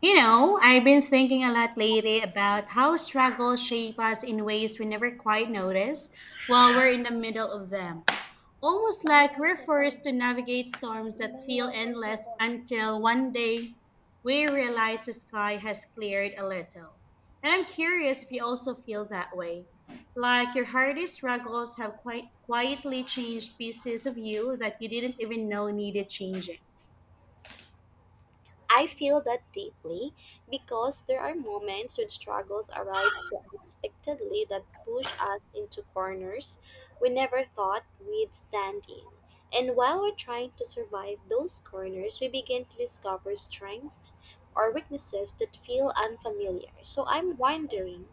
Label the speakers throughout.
Speaker 1: You know, I've been thinking a lot lately about how struggles shape us in ways we never quite notice while we're in the middle of them. Almost like we're forced to navigate storms that feel endless until one day we realize the sky has cleared a little. And I'm curious if you also feel that way. Like your hardest struggles have quite quietly changed pieces of you that you didn't even know needed changing.
Speaker 2: I feel that deeply because there are moments when struggles arrive so unexpectedly that push us into corners we never thought we'd stand in. And while we're trying to survive those corners, we begin to discover strengths or weaknesses that feel unfamiliar. So I'm wondering,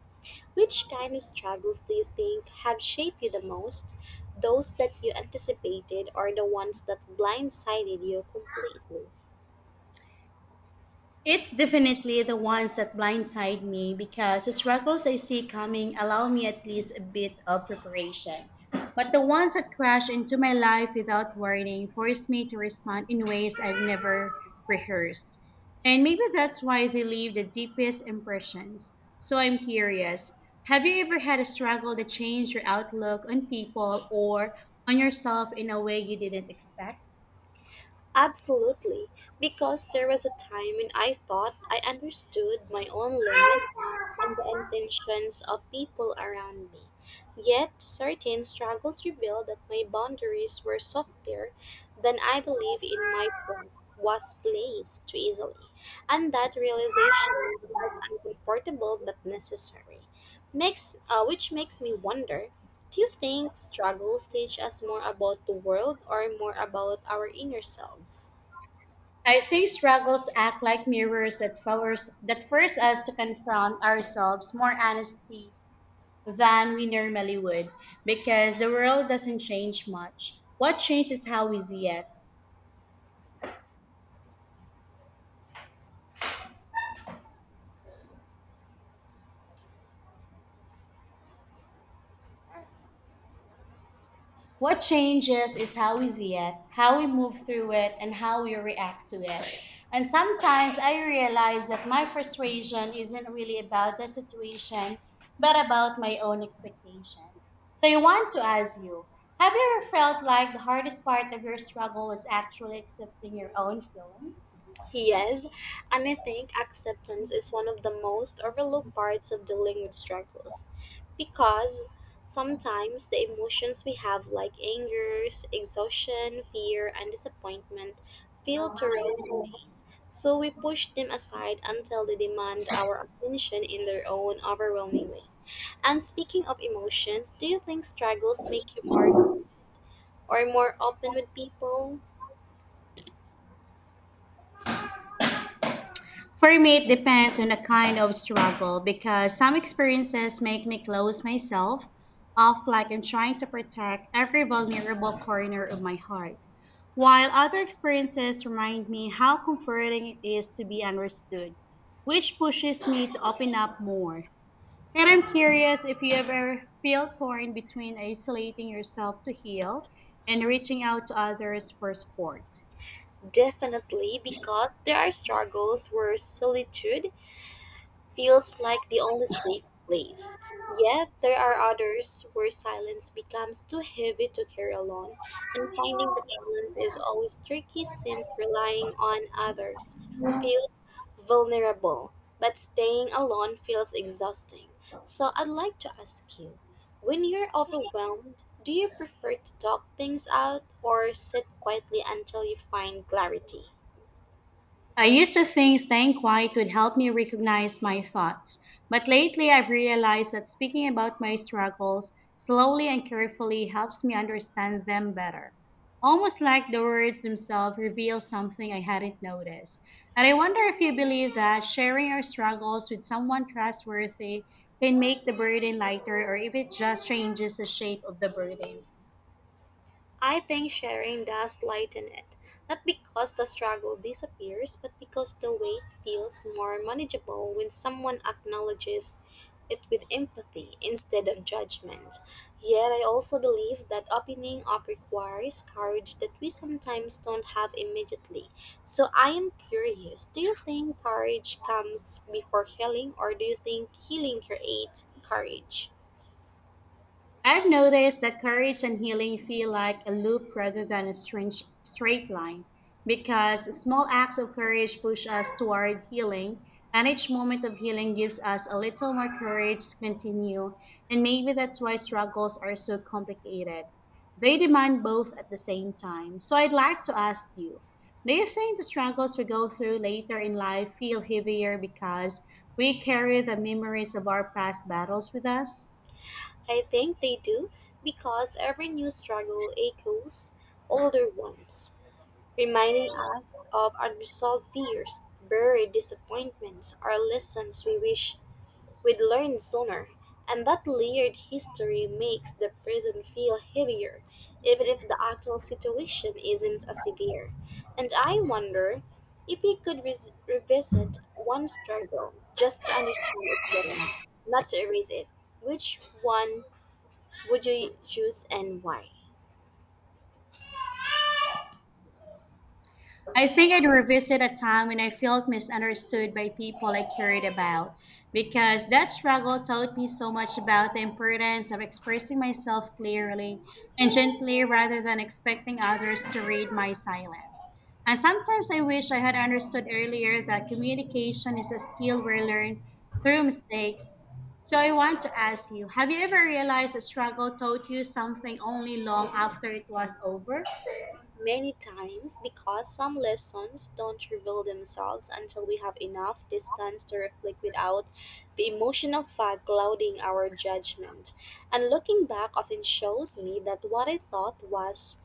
Speaker 2: which kind of struggles do you think have shaped you the most? Those that you anticipated or the ones that blindsided you completely?
Speaker 1: It's definitely the ones that blindside me because the struggles I see coming allow me at least a bit of preparation. But the ones that crash into my life without warning force me to respond in ways I've never rehearsed. And maybe that's why they leave the deepest impressions. So I'm curious, have you ever had a struggle that changed your outlook on people or on yourself in a way you didn't expect?
Speaker 2: Absolutely, because there was a time when I thought I understood my own limit and the intentions of people around me. Yet, certain struggles revealed that my boundaries were softer than I believe in my trust was placed too easily, and that realization was uncomfortable but necessary. Which makes me wonder, do you think struggles teach us more about the world or more about our inner selves?
Speaker 1: I think struggles act like mirrors that force us to confront ourselves more honestly than we normally would, because the world doesn't change much. What changes is how we see it. What changes is how we see it, how we move through it, and how we react to it. And sometimes I realize that my frustration isn't really about the situation, but about my own expectations. So I want to ask you, have you ever felt like the hardest part of your struggle was actually accepting your own feelings?
Speaker 2: Yes, and I think acceptance is one of the most overlooked parts of dealing with struggles because sometimes the emotions we have, like anger, exhaustion, fear, and disappointment, feel to roll to face, so we push them aside until they demand our attention in their own overwhelming way. And speaking of emotions, do you think struggles make you more or more open with people?
Speaker 1: For me, it depends on the kind of struggle because some experiences make me close myself off, like I'm trying to protect every vulnerable corner of my heart, while other experiences remind me how comforting it is to be understood, which pushes me to open up more. And I'm curious if you ever feel torn between isolating yourself to heal and reaching out to others for support.
Speaker 2: Definitely, because there are struggles where solitude feels like the only safe place. Yet, there are others where silence becomes too heavy to carry alone, and finding the balance is always tricky since relying on others feels vulnerable, but staying alone feels exhausting. So, I'd like to ask you, when you're overwhelmed, do you prefer to talk things out or sit quietly until you find clarity?
Speaker 1: I used to think staying quiet would help me recognize my thoughts, but lately I've realized that speaking about my struggles slowly and carefully helps me understand them better. Almost like the words themselves reveal something I hadn't noticed. And I wonder if you believe that sharing our struggles with someone trustworthy can make the burden lighter, or if it just changes the shape of the burden.
Speaker 2: I think sharing does lighten it, not because the struggle disappears, but because the weight feels more manageable when someone acknowledges it with empathy instead of judgment. Yet I also believe that opening up requires courage that we sometimes don't have immediately. So I am curious, do you think courage comes before healing, or do you think healing creates courage?
Speaker 1: I've noticed that courage and healing feel like a loop rather than a strange, straight line, because small acts of courage push us toward healing, and each moment of healing gives us a little more courage to continue. And maybe that's why struggles are so complicated. They demand both at the same time. So I'd like to ask you, do you think the struggles we go through later in life feel heavier because we carry the memories of our past battles with us?
Speaker 2: I think they do because every new struggle echoes older ones, reminding us of unresolved fears, buried disappointments, or lessons we wish we'd learned sooner. And that layered history makes the present feel heavier, even if the actual situation isn't as severe. And I wonder, if we could revisit one struggle just to understand it better, not to erase it, which one would you choose and why?
Speaker 1: I think I'd revisit a time when I felt misunderstood by people I cared about, because that struggle taught me so much about the importance of expressing myself clearly and gently rather than expecting others to read my silence. And sometimes I wish I had understood earlier that communication is a skill we learn through mistakes. So I want to ask you, have you ever realized a struggle taught you something only long after it was over?
Speaker 2: Many times, because some lessons don't reveal themselves until we have enough distance to reflect without the emotional fog clouding our judgment. And looking back often shows me that what I thought was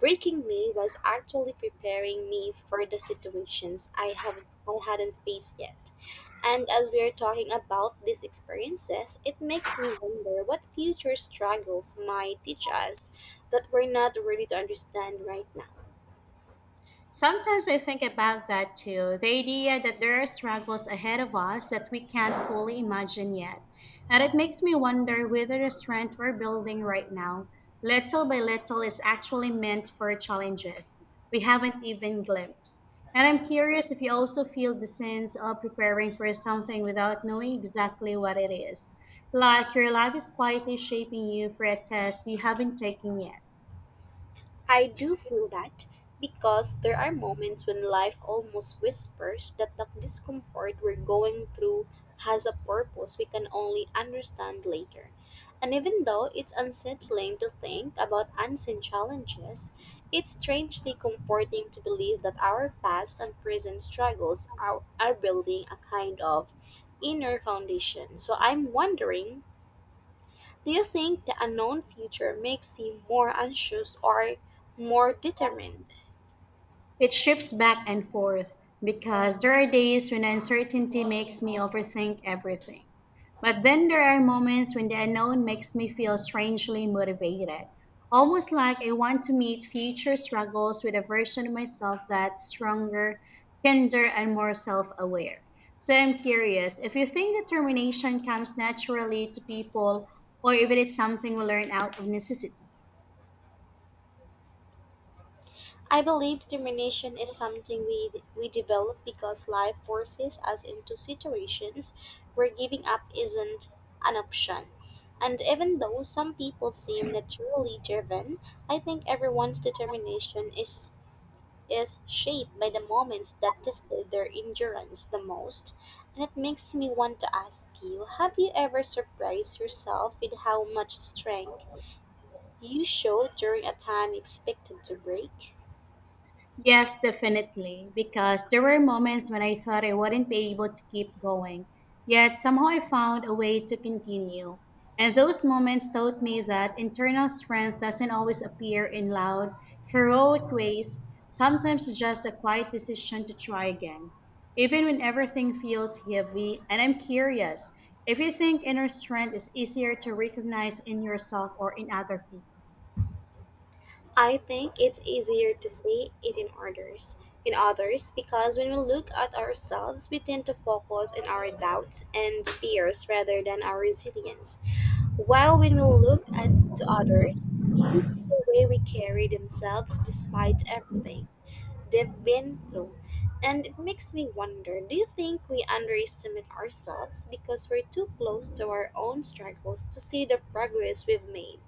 Speaker 2: breaking me was actually preparing me for the situations I hadn't faced yet. And as we are talking about these experiences, it makes me wonder what future struggles might teach us that we're not ready to understand right now.
Speaker 1: Sometimes I think about that too, the idea that there are struggles ahead of us that we can't fully imagine yet. And it makes me wonder whether the strength we're building right now, little by little, is actually meant for challenges we haven't even glimpsed. And I'm curious if you also feel the sense of preparing for something without knowing exactly what it is. Like your life is quietly shaping you for a test you haven't taken yet.
Speaker 2: I do feel that, because there are moments when life almost whispers that the discomfort we're going through has a purpose we can only understand later. And even though it's unsettling to think about unseen challenges, it's strangely comforting to believe that our past and present struggles are building a kind of inner foundation. So I'm wondering, do you think the unknown future makes you more anxious or more determined?
Speaker 1: It shifts back and forth because there are days when uncertainty makes me overthink everything. But then there are moments when the unknown makes me feel strangely motivated, almost like I want to meet future struggles with a version of myself that's stronger, kinder, and more self aware. So I'm curious if you think determination comes naturally to people, or if it's something we learn out of necessity.
Speaker 2: I believe determination is something we develop because life forces us into situations where giving up isn't an option. And even though some people seem naturally driven, I think everyone's determination is shaped by the moments that tested their endurance the most. And it makes me want to ask you, have you ever surprised yourself with how much strength you showed during a time expected to break?
Speaker 1: Yes, definitely. Because there were moments when I thought I wouldn't be able to keep going, yet somehow I found a way to continue. And those moments taught me that internal strength doesn't always appear in loud, heroic ways. Sometimes it's just a quiet decision to try again, even when everything feels heavy. And I'm curious if you think inner strength is easier to recognize in yourself or in other people.
Speaker 2: I think it's easier to see it in others, in others, because when we look at ourselves, we tend to focus on our doubts and fears rather than our resilience. While when we look at to others, we see the way we carry themselves despite everything they've been through. And it makes me wonder, do you think we underestimate ourselves because we're too close to our own struggles to see the progress we've made?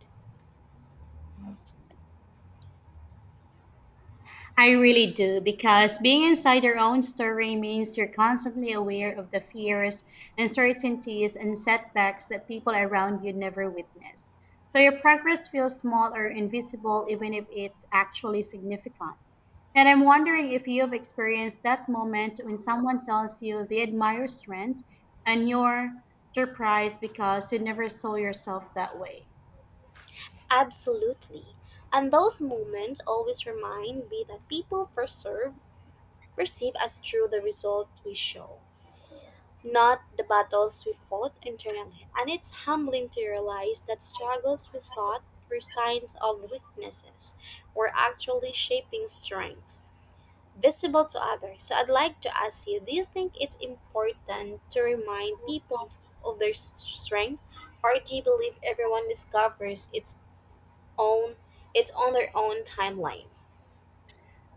Speaker 1: I really do, because being inside your own story means you're constantly aware of the fears, uncertainties, and setbacks that people around you never witness. So your progress feels small or invisible, even if it's actually significant. And I'm wondering if you've experienced that moment when someone tells you they admire your strength and you're surprised because you never saw yourself that way.
Speaker 2: Absolutely. And those moments always remind me that people perceive us through the result we show, not the battles we fought internally. And it's humbling to realize that struggles we thought were signs of weaknesses were actually shaping strengths visible to others. So I'd like to ask you, do you think it's important to remind people of their strength, or do you believe everyone discovers its own? It's on their own timeline.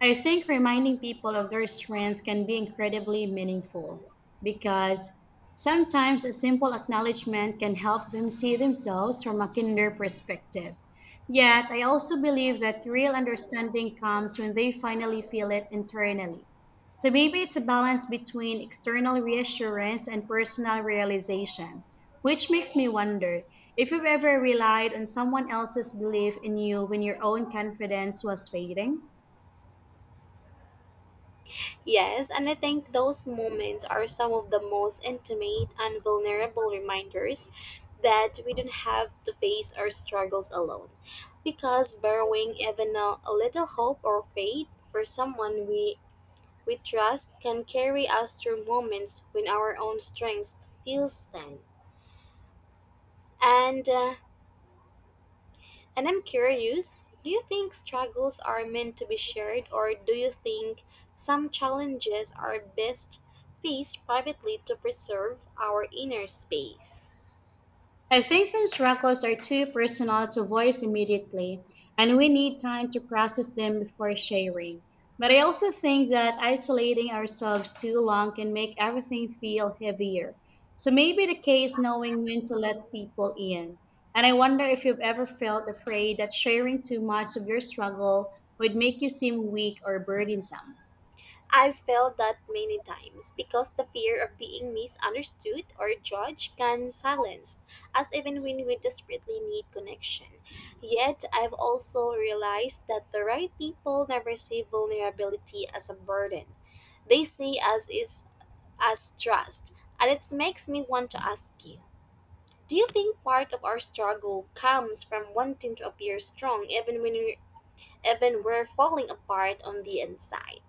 Speaker 1: I think reminding people of their strength can be incredibly meaningful, because sometimes a simple acknowledgement can help them see themselves from a kinder perspective. Yet, I also believe that real understanding comes when they finally feel it internally. So maybe it's a balance between external reassurance and personal realization, which makes me wonder if you've ever relied on someone else's belief in you when your own confidence was fading.
Speaker 2: Yes, and I think those moments are some of the most intimate and vulnerable reminders that we don't have to face our struggles alone, because borrowing even a little hope or faith for someone we trust can carry us through moments when our own strength feels thin. And uh, And I'm curious, do you think struggles are meant to be shared, or do you think some challenges are best faced privately to preserve our inner space?
Speaker 1: I think some struggles are too personal to voice immediately, and we need time to process them before sharing. But I also think that isolating ourselves too long can make everything feel heavier. So maybe the key is knowing when to let people in. And I wonder if you've ever felt afraid that sharing too much of your struggle would make you seem weak or burdensome.
Speaker 2: I've felt that many times because the fear of being misunderstood or judged can silence us even when we desperately need connection. Yet, I've also realized that the right people never see vulnerability as a burden. They see us is as trust. And it makes me want to ask you, do you think part of our struggle comes from wanting to appear strong even when we even we're falling apart on the inside?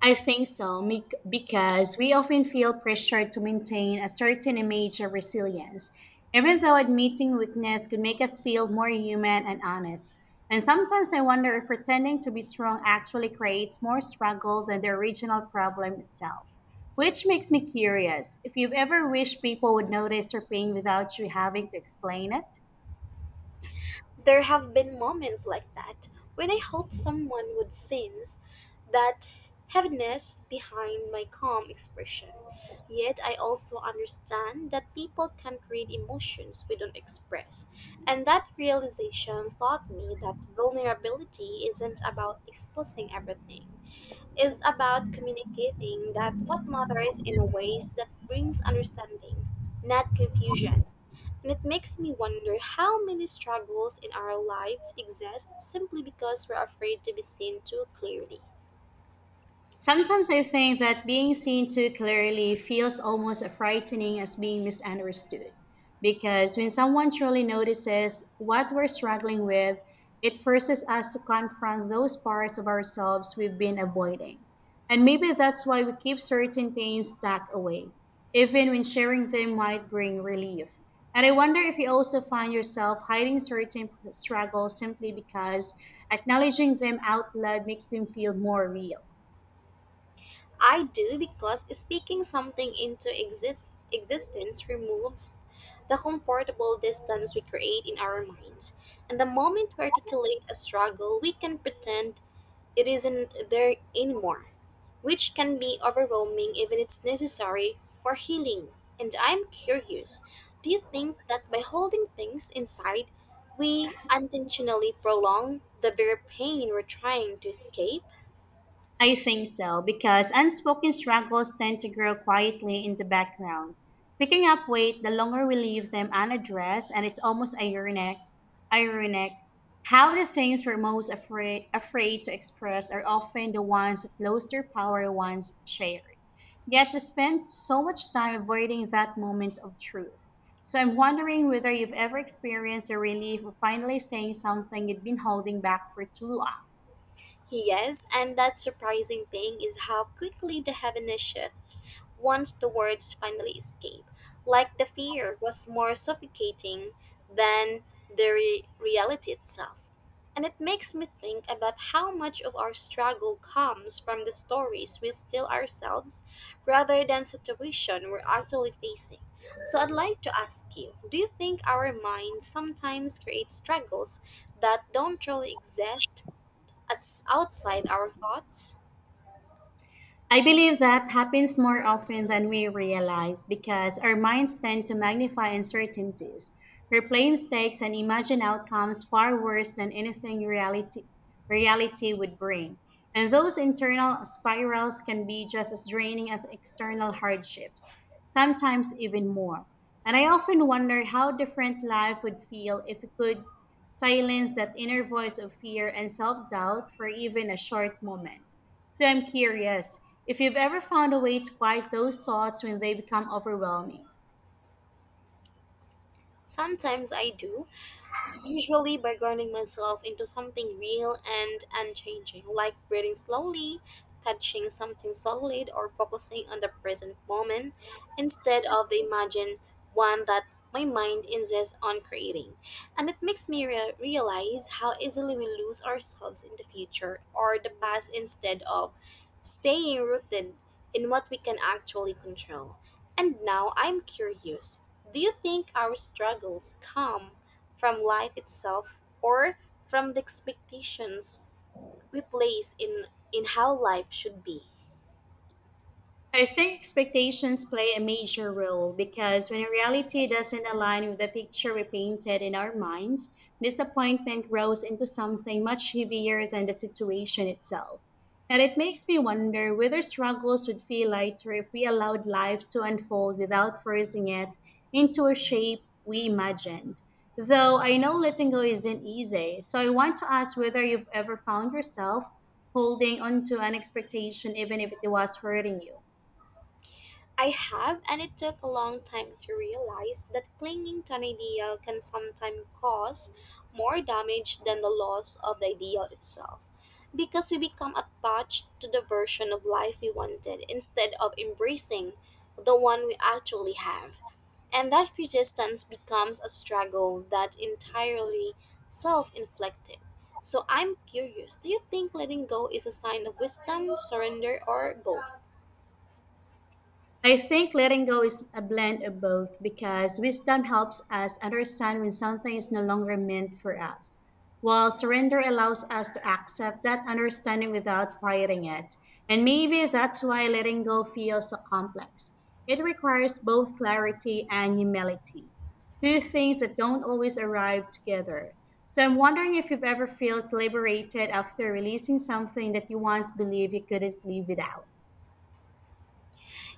Speaker 1: I think so, because we often feel pressured to maintain a certain image of resilience, even though admitting weakness could make us feel more human and honest. And sometimes I wonder if pretending to be strong actually creates more struggle than the original problem itself. Which makes me curious if you've ever wished people would notice your pain without you having to explain it.
Speaker 2: There have been moments like that, when I hoped someone would sense that heaviness behind my calm expression. Yet I also understand that people can't read emotions we don't express. And that realization taught me that vulnerability isn't about exposing everything. It's about communicating that what matters in ways that brings understanding, not confusion. And it makes me wonder how many struggles in our lives exist simply because we're afraid to be seen too clearly.
Speaker 1: Sometimes I think that being seen too clearly feels almost as frightening as being misunderstood. Because when someone truly notices what we're struggling with, it forces us to confront those parts of ourselves we've been avoiding. And maybe that's why we keep certain pains tucked away, even when sharing them might bring relief. And I wonder if you also find yourself hiding certain struggles simply because acknowledging them out loud makes them feel more real.
Speaker 2: I do, because speaking something into existence removes the comfortable distance we create in our minds. And the moment we articulate a struggle, we can pretend it isn't there anymore, which can be overwhelming even it's necessary for healing. And I'm curious, do you think that by holding things inside, we unintentionally prolong the very pain we're trying to escape?
Speaker 1: I think so, because unspoken struggles tend to grow quietly in the background, picking up weight the longer we leave them unaddressed, and it's almost ironic how the things we're most afraid to express are often the ones that lose their power once shared. Yet we spend so much time avoiding that moment of truth. So I'm wondering whether you've ever experienced the relief of finally saying something you'd been holding back for too long.
Speaker 2: Yes, and that surprising thing is how quickly the heaviness shifts once the words finally escape. Like the fear was more suffocating than the reality itself. And it makes me think about how much of our struggle comes from the stories we still ourselves rather than situation we're actually facing. So I'd like to ask you, do you think our mind sometimes creates struggles that don't really exist it's outside our thoughts?
Speaker 1: I believe that happens more often than we realize, because our minds tend to magnify uncertainties, replay mistakes, and imagine outcomes far worse than anything reality would bring. And those internal spirals can be just as draining as external hardships, sometimes even more. And I often wonder how different life would feel if we could silence that inner voice of fear and self doubt for even a short moment. So I'm curious, if you've ever found a way to quiet those thoughts when they become overwhelming.
Speaker 2: Sometimes I do, usually by grounding myself into something real and unchanging, like breathing slowly, touching something solid, or focusing on the present moment instead of the imagined one that my mind insists on creating. And it makes me realize how easily we lose ourselves in the future or the past instead of staying rooted in what we can actually control. And now I'm curious, do you think our struggles come from life itself or from the expectations we place in how life should be?
Speaker 1: I think expectations play a major role, because when reality doesn't align with the picture we painted in our minds, disappointment grows into something much heavier than the situation itself. And it makes me wonder whether struggles would feel lighter if we allowed life to unfold without forcing it into a shape we imagined. Though I know letting go isn't easy, so I want to ask whether you've ever found yourself holding on to an expectation even if it was hurting you.
Speaker 2: I have, and it took a long time to realize that clinging to an ideal can sometimes cause more damage than the loss of the ideal itself, because we become attached to the version of life we wanted instead of embracing the one we actually have. And that resistance becomes a struggle that entirely self inflicted. So I'm curious, do you think letting go is a sign of wisdom, surrender, or both?
Speaker 1: I think letting go is a blend of both, because wisdom helps us understand when something is no longer meant for us, while surrender allows us to accept that understanding without fighting it. And maybe that's why letting go feels so complex. It requires both clarity and humility, two things that don't always arrive together. So I'm wondering if you've ever felt liberated after releasing something that you once believed you couldn't live without.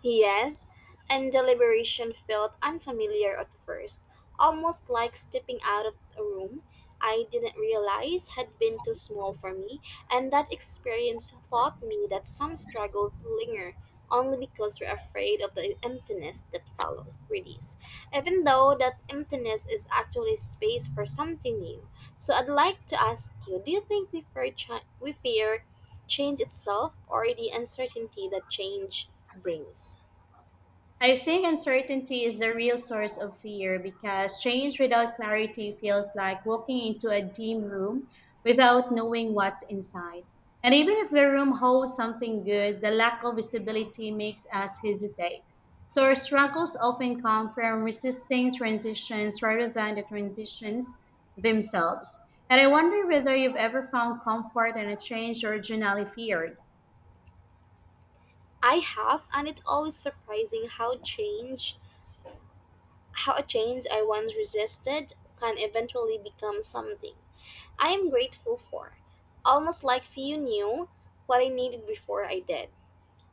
Speaker 2: Yes, and the liberation felt unfamiliar at first, almost like stepping out of a room I didn't realize had been too small for me, and that experience taught me that some struggles linger only because we're afraid of the emptiness that follows release, even though that emptiness is actually space for something new. So I'd like to ask you, do you think we we fear change itself or the uncertainty that change brings?
Speaker 1: I think uncertainty is the real source of fear, because change without clarity feels like walking into a dim room without knowing what's inside. And even if the room holds something good, the lack of visibility makes us hesitate. So our struggles often come from resisting transitions rather than the transitions themselves. And I wonder whether you've ever found comfort in a change originally feared.
Speaker 2: I have, and it's always surprising how change, how a change I once resisted can eventually become something I am grateful for. Almost like few knew what I needed before I did.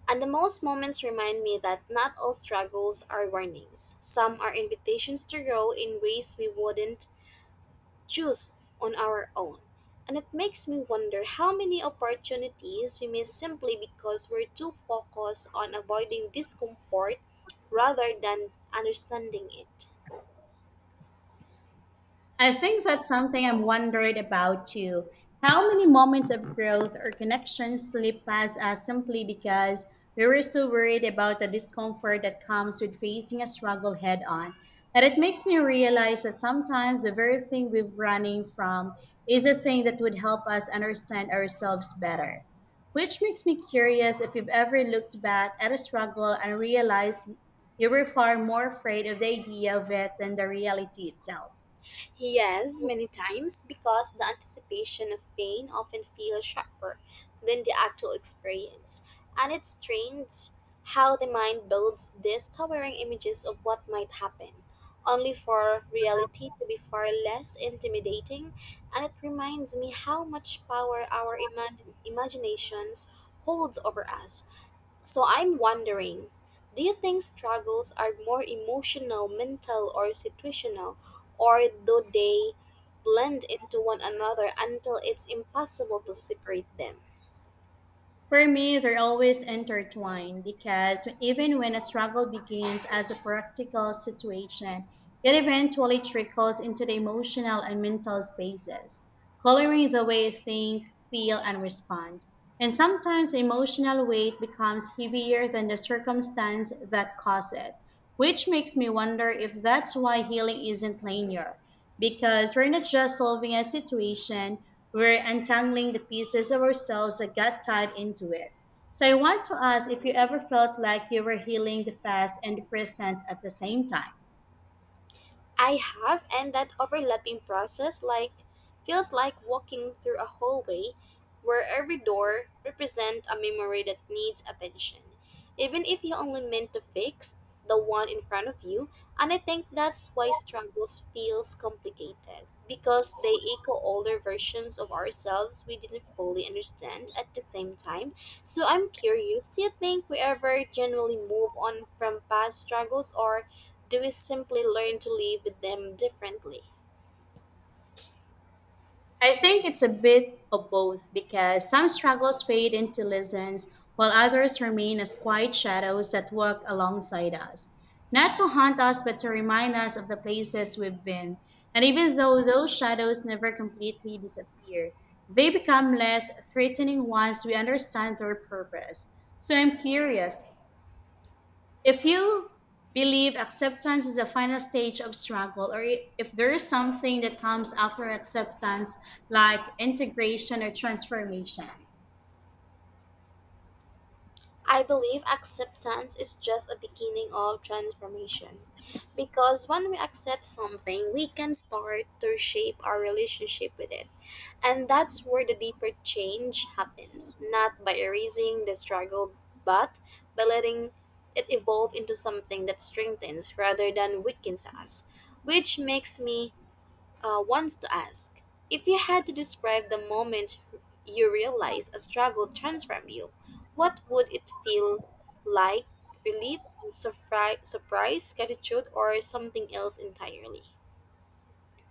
Speaker 2: And the most moments remind me that not all struggles are warnings. Some are invitations to grow in ways we wouldn't choose on our own. And it makes me wonder how many opportunities we miss simply because we're too focused on avoiding discomfort rather than understanding it.
Speaker 1: I think that's something I'm wondering about too. How many moments of growth or connection slip past us simply because we were so worried about the discomfort that comes with facing a struggle head on? And it makes me realize that sometimes the very thing we're running from is a thing that would help us understand ourselves better. Which makes me curious if you've ever looked back at a struggle and realized you were far more afraid of the idea of it than the reality itself.
Speaker 2: Yes, many times, because the anticipation of pain often feels sharper than the actual experience. And it's strange how the mind builds these towering images of what might happen, only for reality to be far less intimidating. And it reminds me how much power our imagine imaginations holds over us, so I'm wondering, do you think struggles are more emotional, mental, or situational, or do they blend into one another until it's impossible to separate them?
Speaker 1: For me, they're always intertwined because even when a struggle begins as a practical situation, it eventually trickles into the emotional and mental spaces, coloring the way I think, feel, and respond. And sometimes the emotional weight becomes heavier than the circumstance that caused it, which makes me wonder if that's why healing isn't linear. Because we're not just solving a situation, we're untangling the pieces of ourselves that got tied into it. So I want to ask if you ever felt like you were healing the past and the present at the same time.
Speaker 2: I have, and that overlapping process like feels like walking through a hallway where every door represents a memory that needs attention, even if you only meant to fix the one in front of you. And I think that's why struggles feels complicated, because they echo older versions of ourselves we didn't fully understand at the same time. So I'm curious, do you think we ever genuinely move on from past struggles, or do we simply learn to live with them differently?
Speaker 1: I think it's a bit of both because some struggles fade into lessons while others remain as quiet shadows that walk alongside us. Not to haunt us, but to remind us of the places we've been. And even though those shadows never completely disappear, they become less threatening once we understand their purpose. So I'm curious if you believe acceptance is the final stage of struggle, or if there is something that comes after acceptance, like integration or transformation.
Speaker 2: I believe acceptance is just a beginning of transformation. Because when we accept something, we can start to shape our relationship with it. And that's where the deeper change happens, not by erasing the struggle, but by letting it evolve into something that strengthens rather than weakens us. Which makes me wants to ask, if you had to describe the moment you realize a struggle transformed you, what would it feel like? Relief, surprise, gratitude, or something else entirely?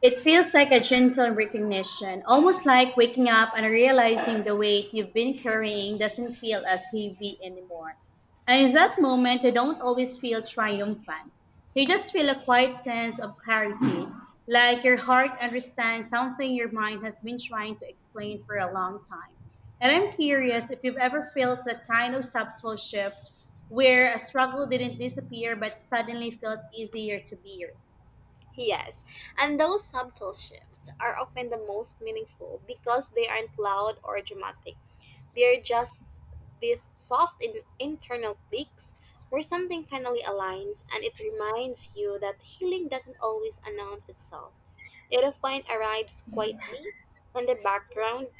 Speaker 1: It feels like a gentle recognition, almost like waking up and realizing the weight you've been carrying doesn't feel as heavy anymore. And in that moment, you don't always feel triumphant. You just feel a quiet sense of clarity, like your heart understands something your mind has been trying to explain for a long time. And I'm curious if you've ever felt that kind of subtle shift where a struggle didn't disappear but suddenly felt easier to bear.
Speaker 2: Yes, and those subtle shifts are often the most meaningful because they aren't loud or dramatic. They're just these soft internal clicks where something finally aligns, and it reminds you that healing doesn't always announce itself. Edifine arrives quietly on the background,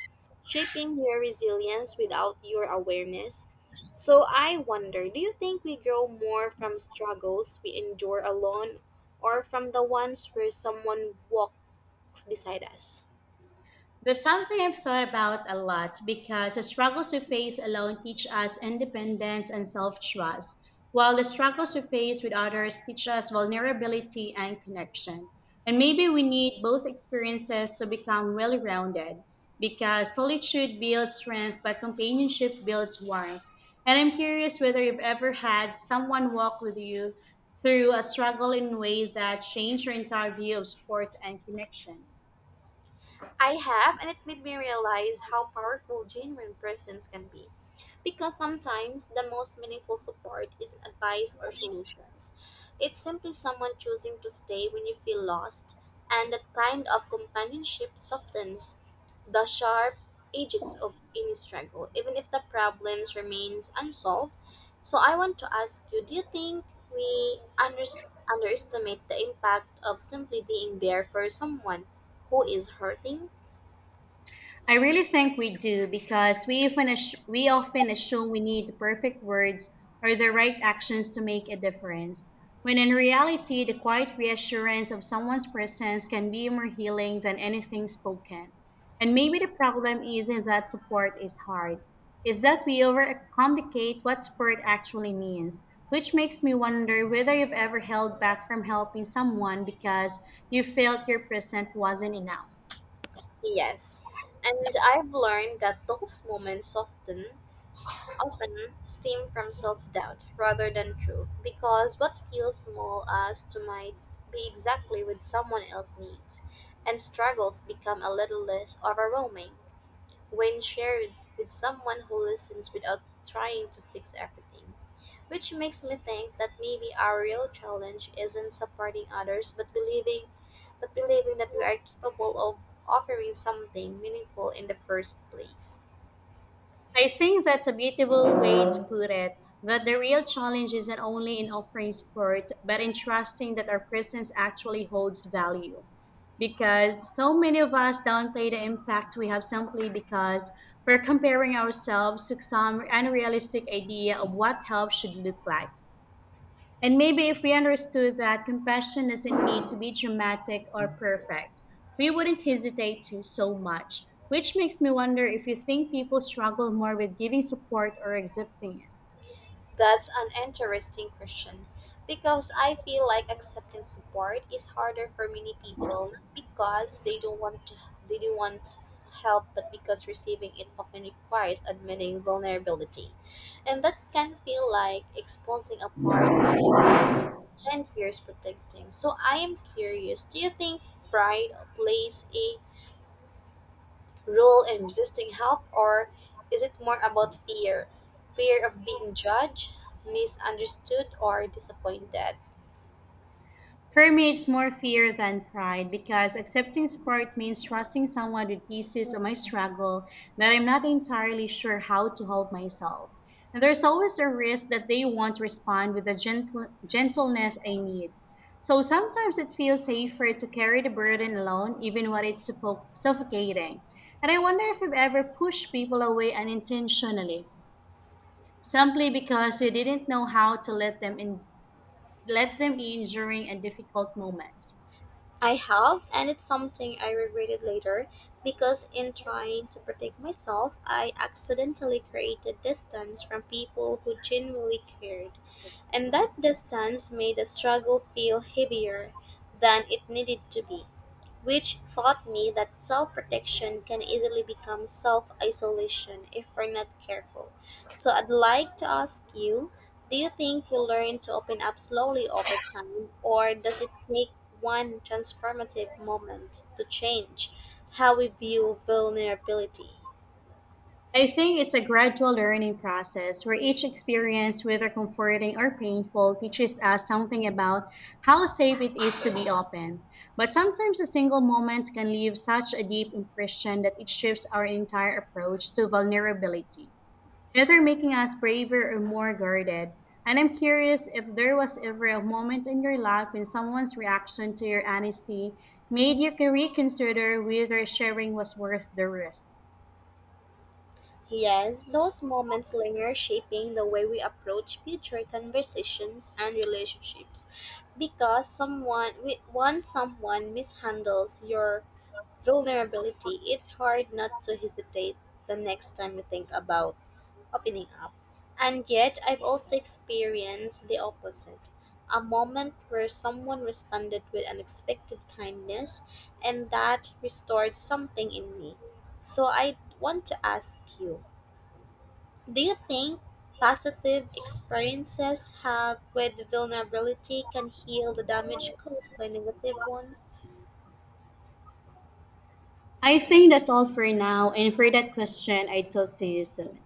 Speaker 2: shaping your resilience without your awareness. So I wonder, do you think we grow more from struggles we endure alone, or from the ones where someone walks beside us?
Speaker 1: That's something I've thought about a lot because the struggles we face alone teach us independence and self trust, while the struggles we face with others teach us vulnerability and connection. And maybe we need both experiences to become well rounded because solitude builds strength, but companionship builds warmth. And I'm curious whether you've ever had someone walk with you through a struggle in a way that changed your entire view of support and connection.
Speaker 2: I have, and it made me realize how powerful genuine presence can be. Because sometimes the most meaningful support isn't advice or solutions. It's simply someone choosing to stay when you feel lost, and that kind of companionship softens the sharp edges of any struggle, even if the problems remains unsolved. So I want to ask you, do you think we underestimate the impact of simply being there for someone who is hurting?
Speaker 1: I really think we do because we often assume we need the perfect words or the right actions to make a difference, when in reality, the quiet reassurance of someone's presence can be more healing than anything spoken. And maybe the problem isn't that support is hard, it's that we overcomplicate what support actually means, which makes me wonder whether you've ever held back from helping someone because you felt your present wasn't enough.
Speaker 2: Yes, and I've learned that those moments often stem from self-doubt rather than truth, because what feels small as to might be exactly what someone else needs, and struggles become a little less overwhelming when shared with someone who listens without trying to fix everything. Which makes me think that maybe our real challenge isn't supporting others but believing that we are capable of offering something meaningful in the first place.
Speaker 1: I think that's a beautiful way to put it. That the real challenge isn't only in offering support, but in trusting that our presence actually holds value. Because so many of us downplay the impact we have simply because we're comparing ourselves to some unrealistic idea of what help should look like. And maybe if we understood that compassion doesn't need to be dramatic or perfect, we wouldn't hesitate to so much. Which makes me wonder if you think people struggle more with giving support or accepting it.
Speaker 2: That's an interesting question, because I feel like accepting support is harder for many people, not because they don't want help, but because receiving it often requires admitting vulnerability, and that can feel like exposing a part spend years protecting. So I am curious, do you think pride plays a role in resisting help, or is it more about fear? Fear of being judged, misunderstood, or disappointed?
Speaker 1: For me, it's more fear than pride because accepting support means trusting someone with pieces of my struggle that I'm not entirely sure how to hold myself. And there's always a risk that they won't respond with the gentleness I need. So sometimes it feels safer to carry the burden alone, even when it's suffocating. And I wonder if we've ever pushed people away unintentionally, simply because we didn't know how to let them in, during a difficult moment.
Speaker 2: I have, and it's something I regretted later, because in trying to protect myself I accidentally created distance from people who genuinely cared. And that distance made the struggle feel heavier than it needed to be, which taught me that self protection can easily become self isolation if we're not careful. So, I'd like to ask you, do you think we learn to open up slowly over time, or does it take one transformative moment to change how we view vulnerability?
Speaker 1: I think it's a gradual learning process where each experience, whether comforting or painful, teaches us something about how safe it is to be open. But sometimes a single moment can leave such a deep impression that it shifts our entire approach to vulnerability, either making us braver or more guarded. And I'm curious if there was ever a moment in your life when someone's reaction to your honesty made you reconsider whether sharing was worth the risk.
Speaker 2: Yes, those moments linger, shaping the way we approach future conversations and relationships. Because once someone mishandles your vulnerability, it's hard not to hesitate the next time you think about opening up. And yet, I've also experienced the opposite, a moment where someone responded with unexpected kindness, and that restored something in me. So, I want to ask you, do you think positive experiences have with vulnerability can heal the damage caused by negative ones?
Speaker 1: I think that's all for now. And for that question, I talk to you soon.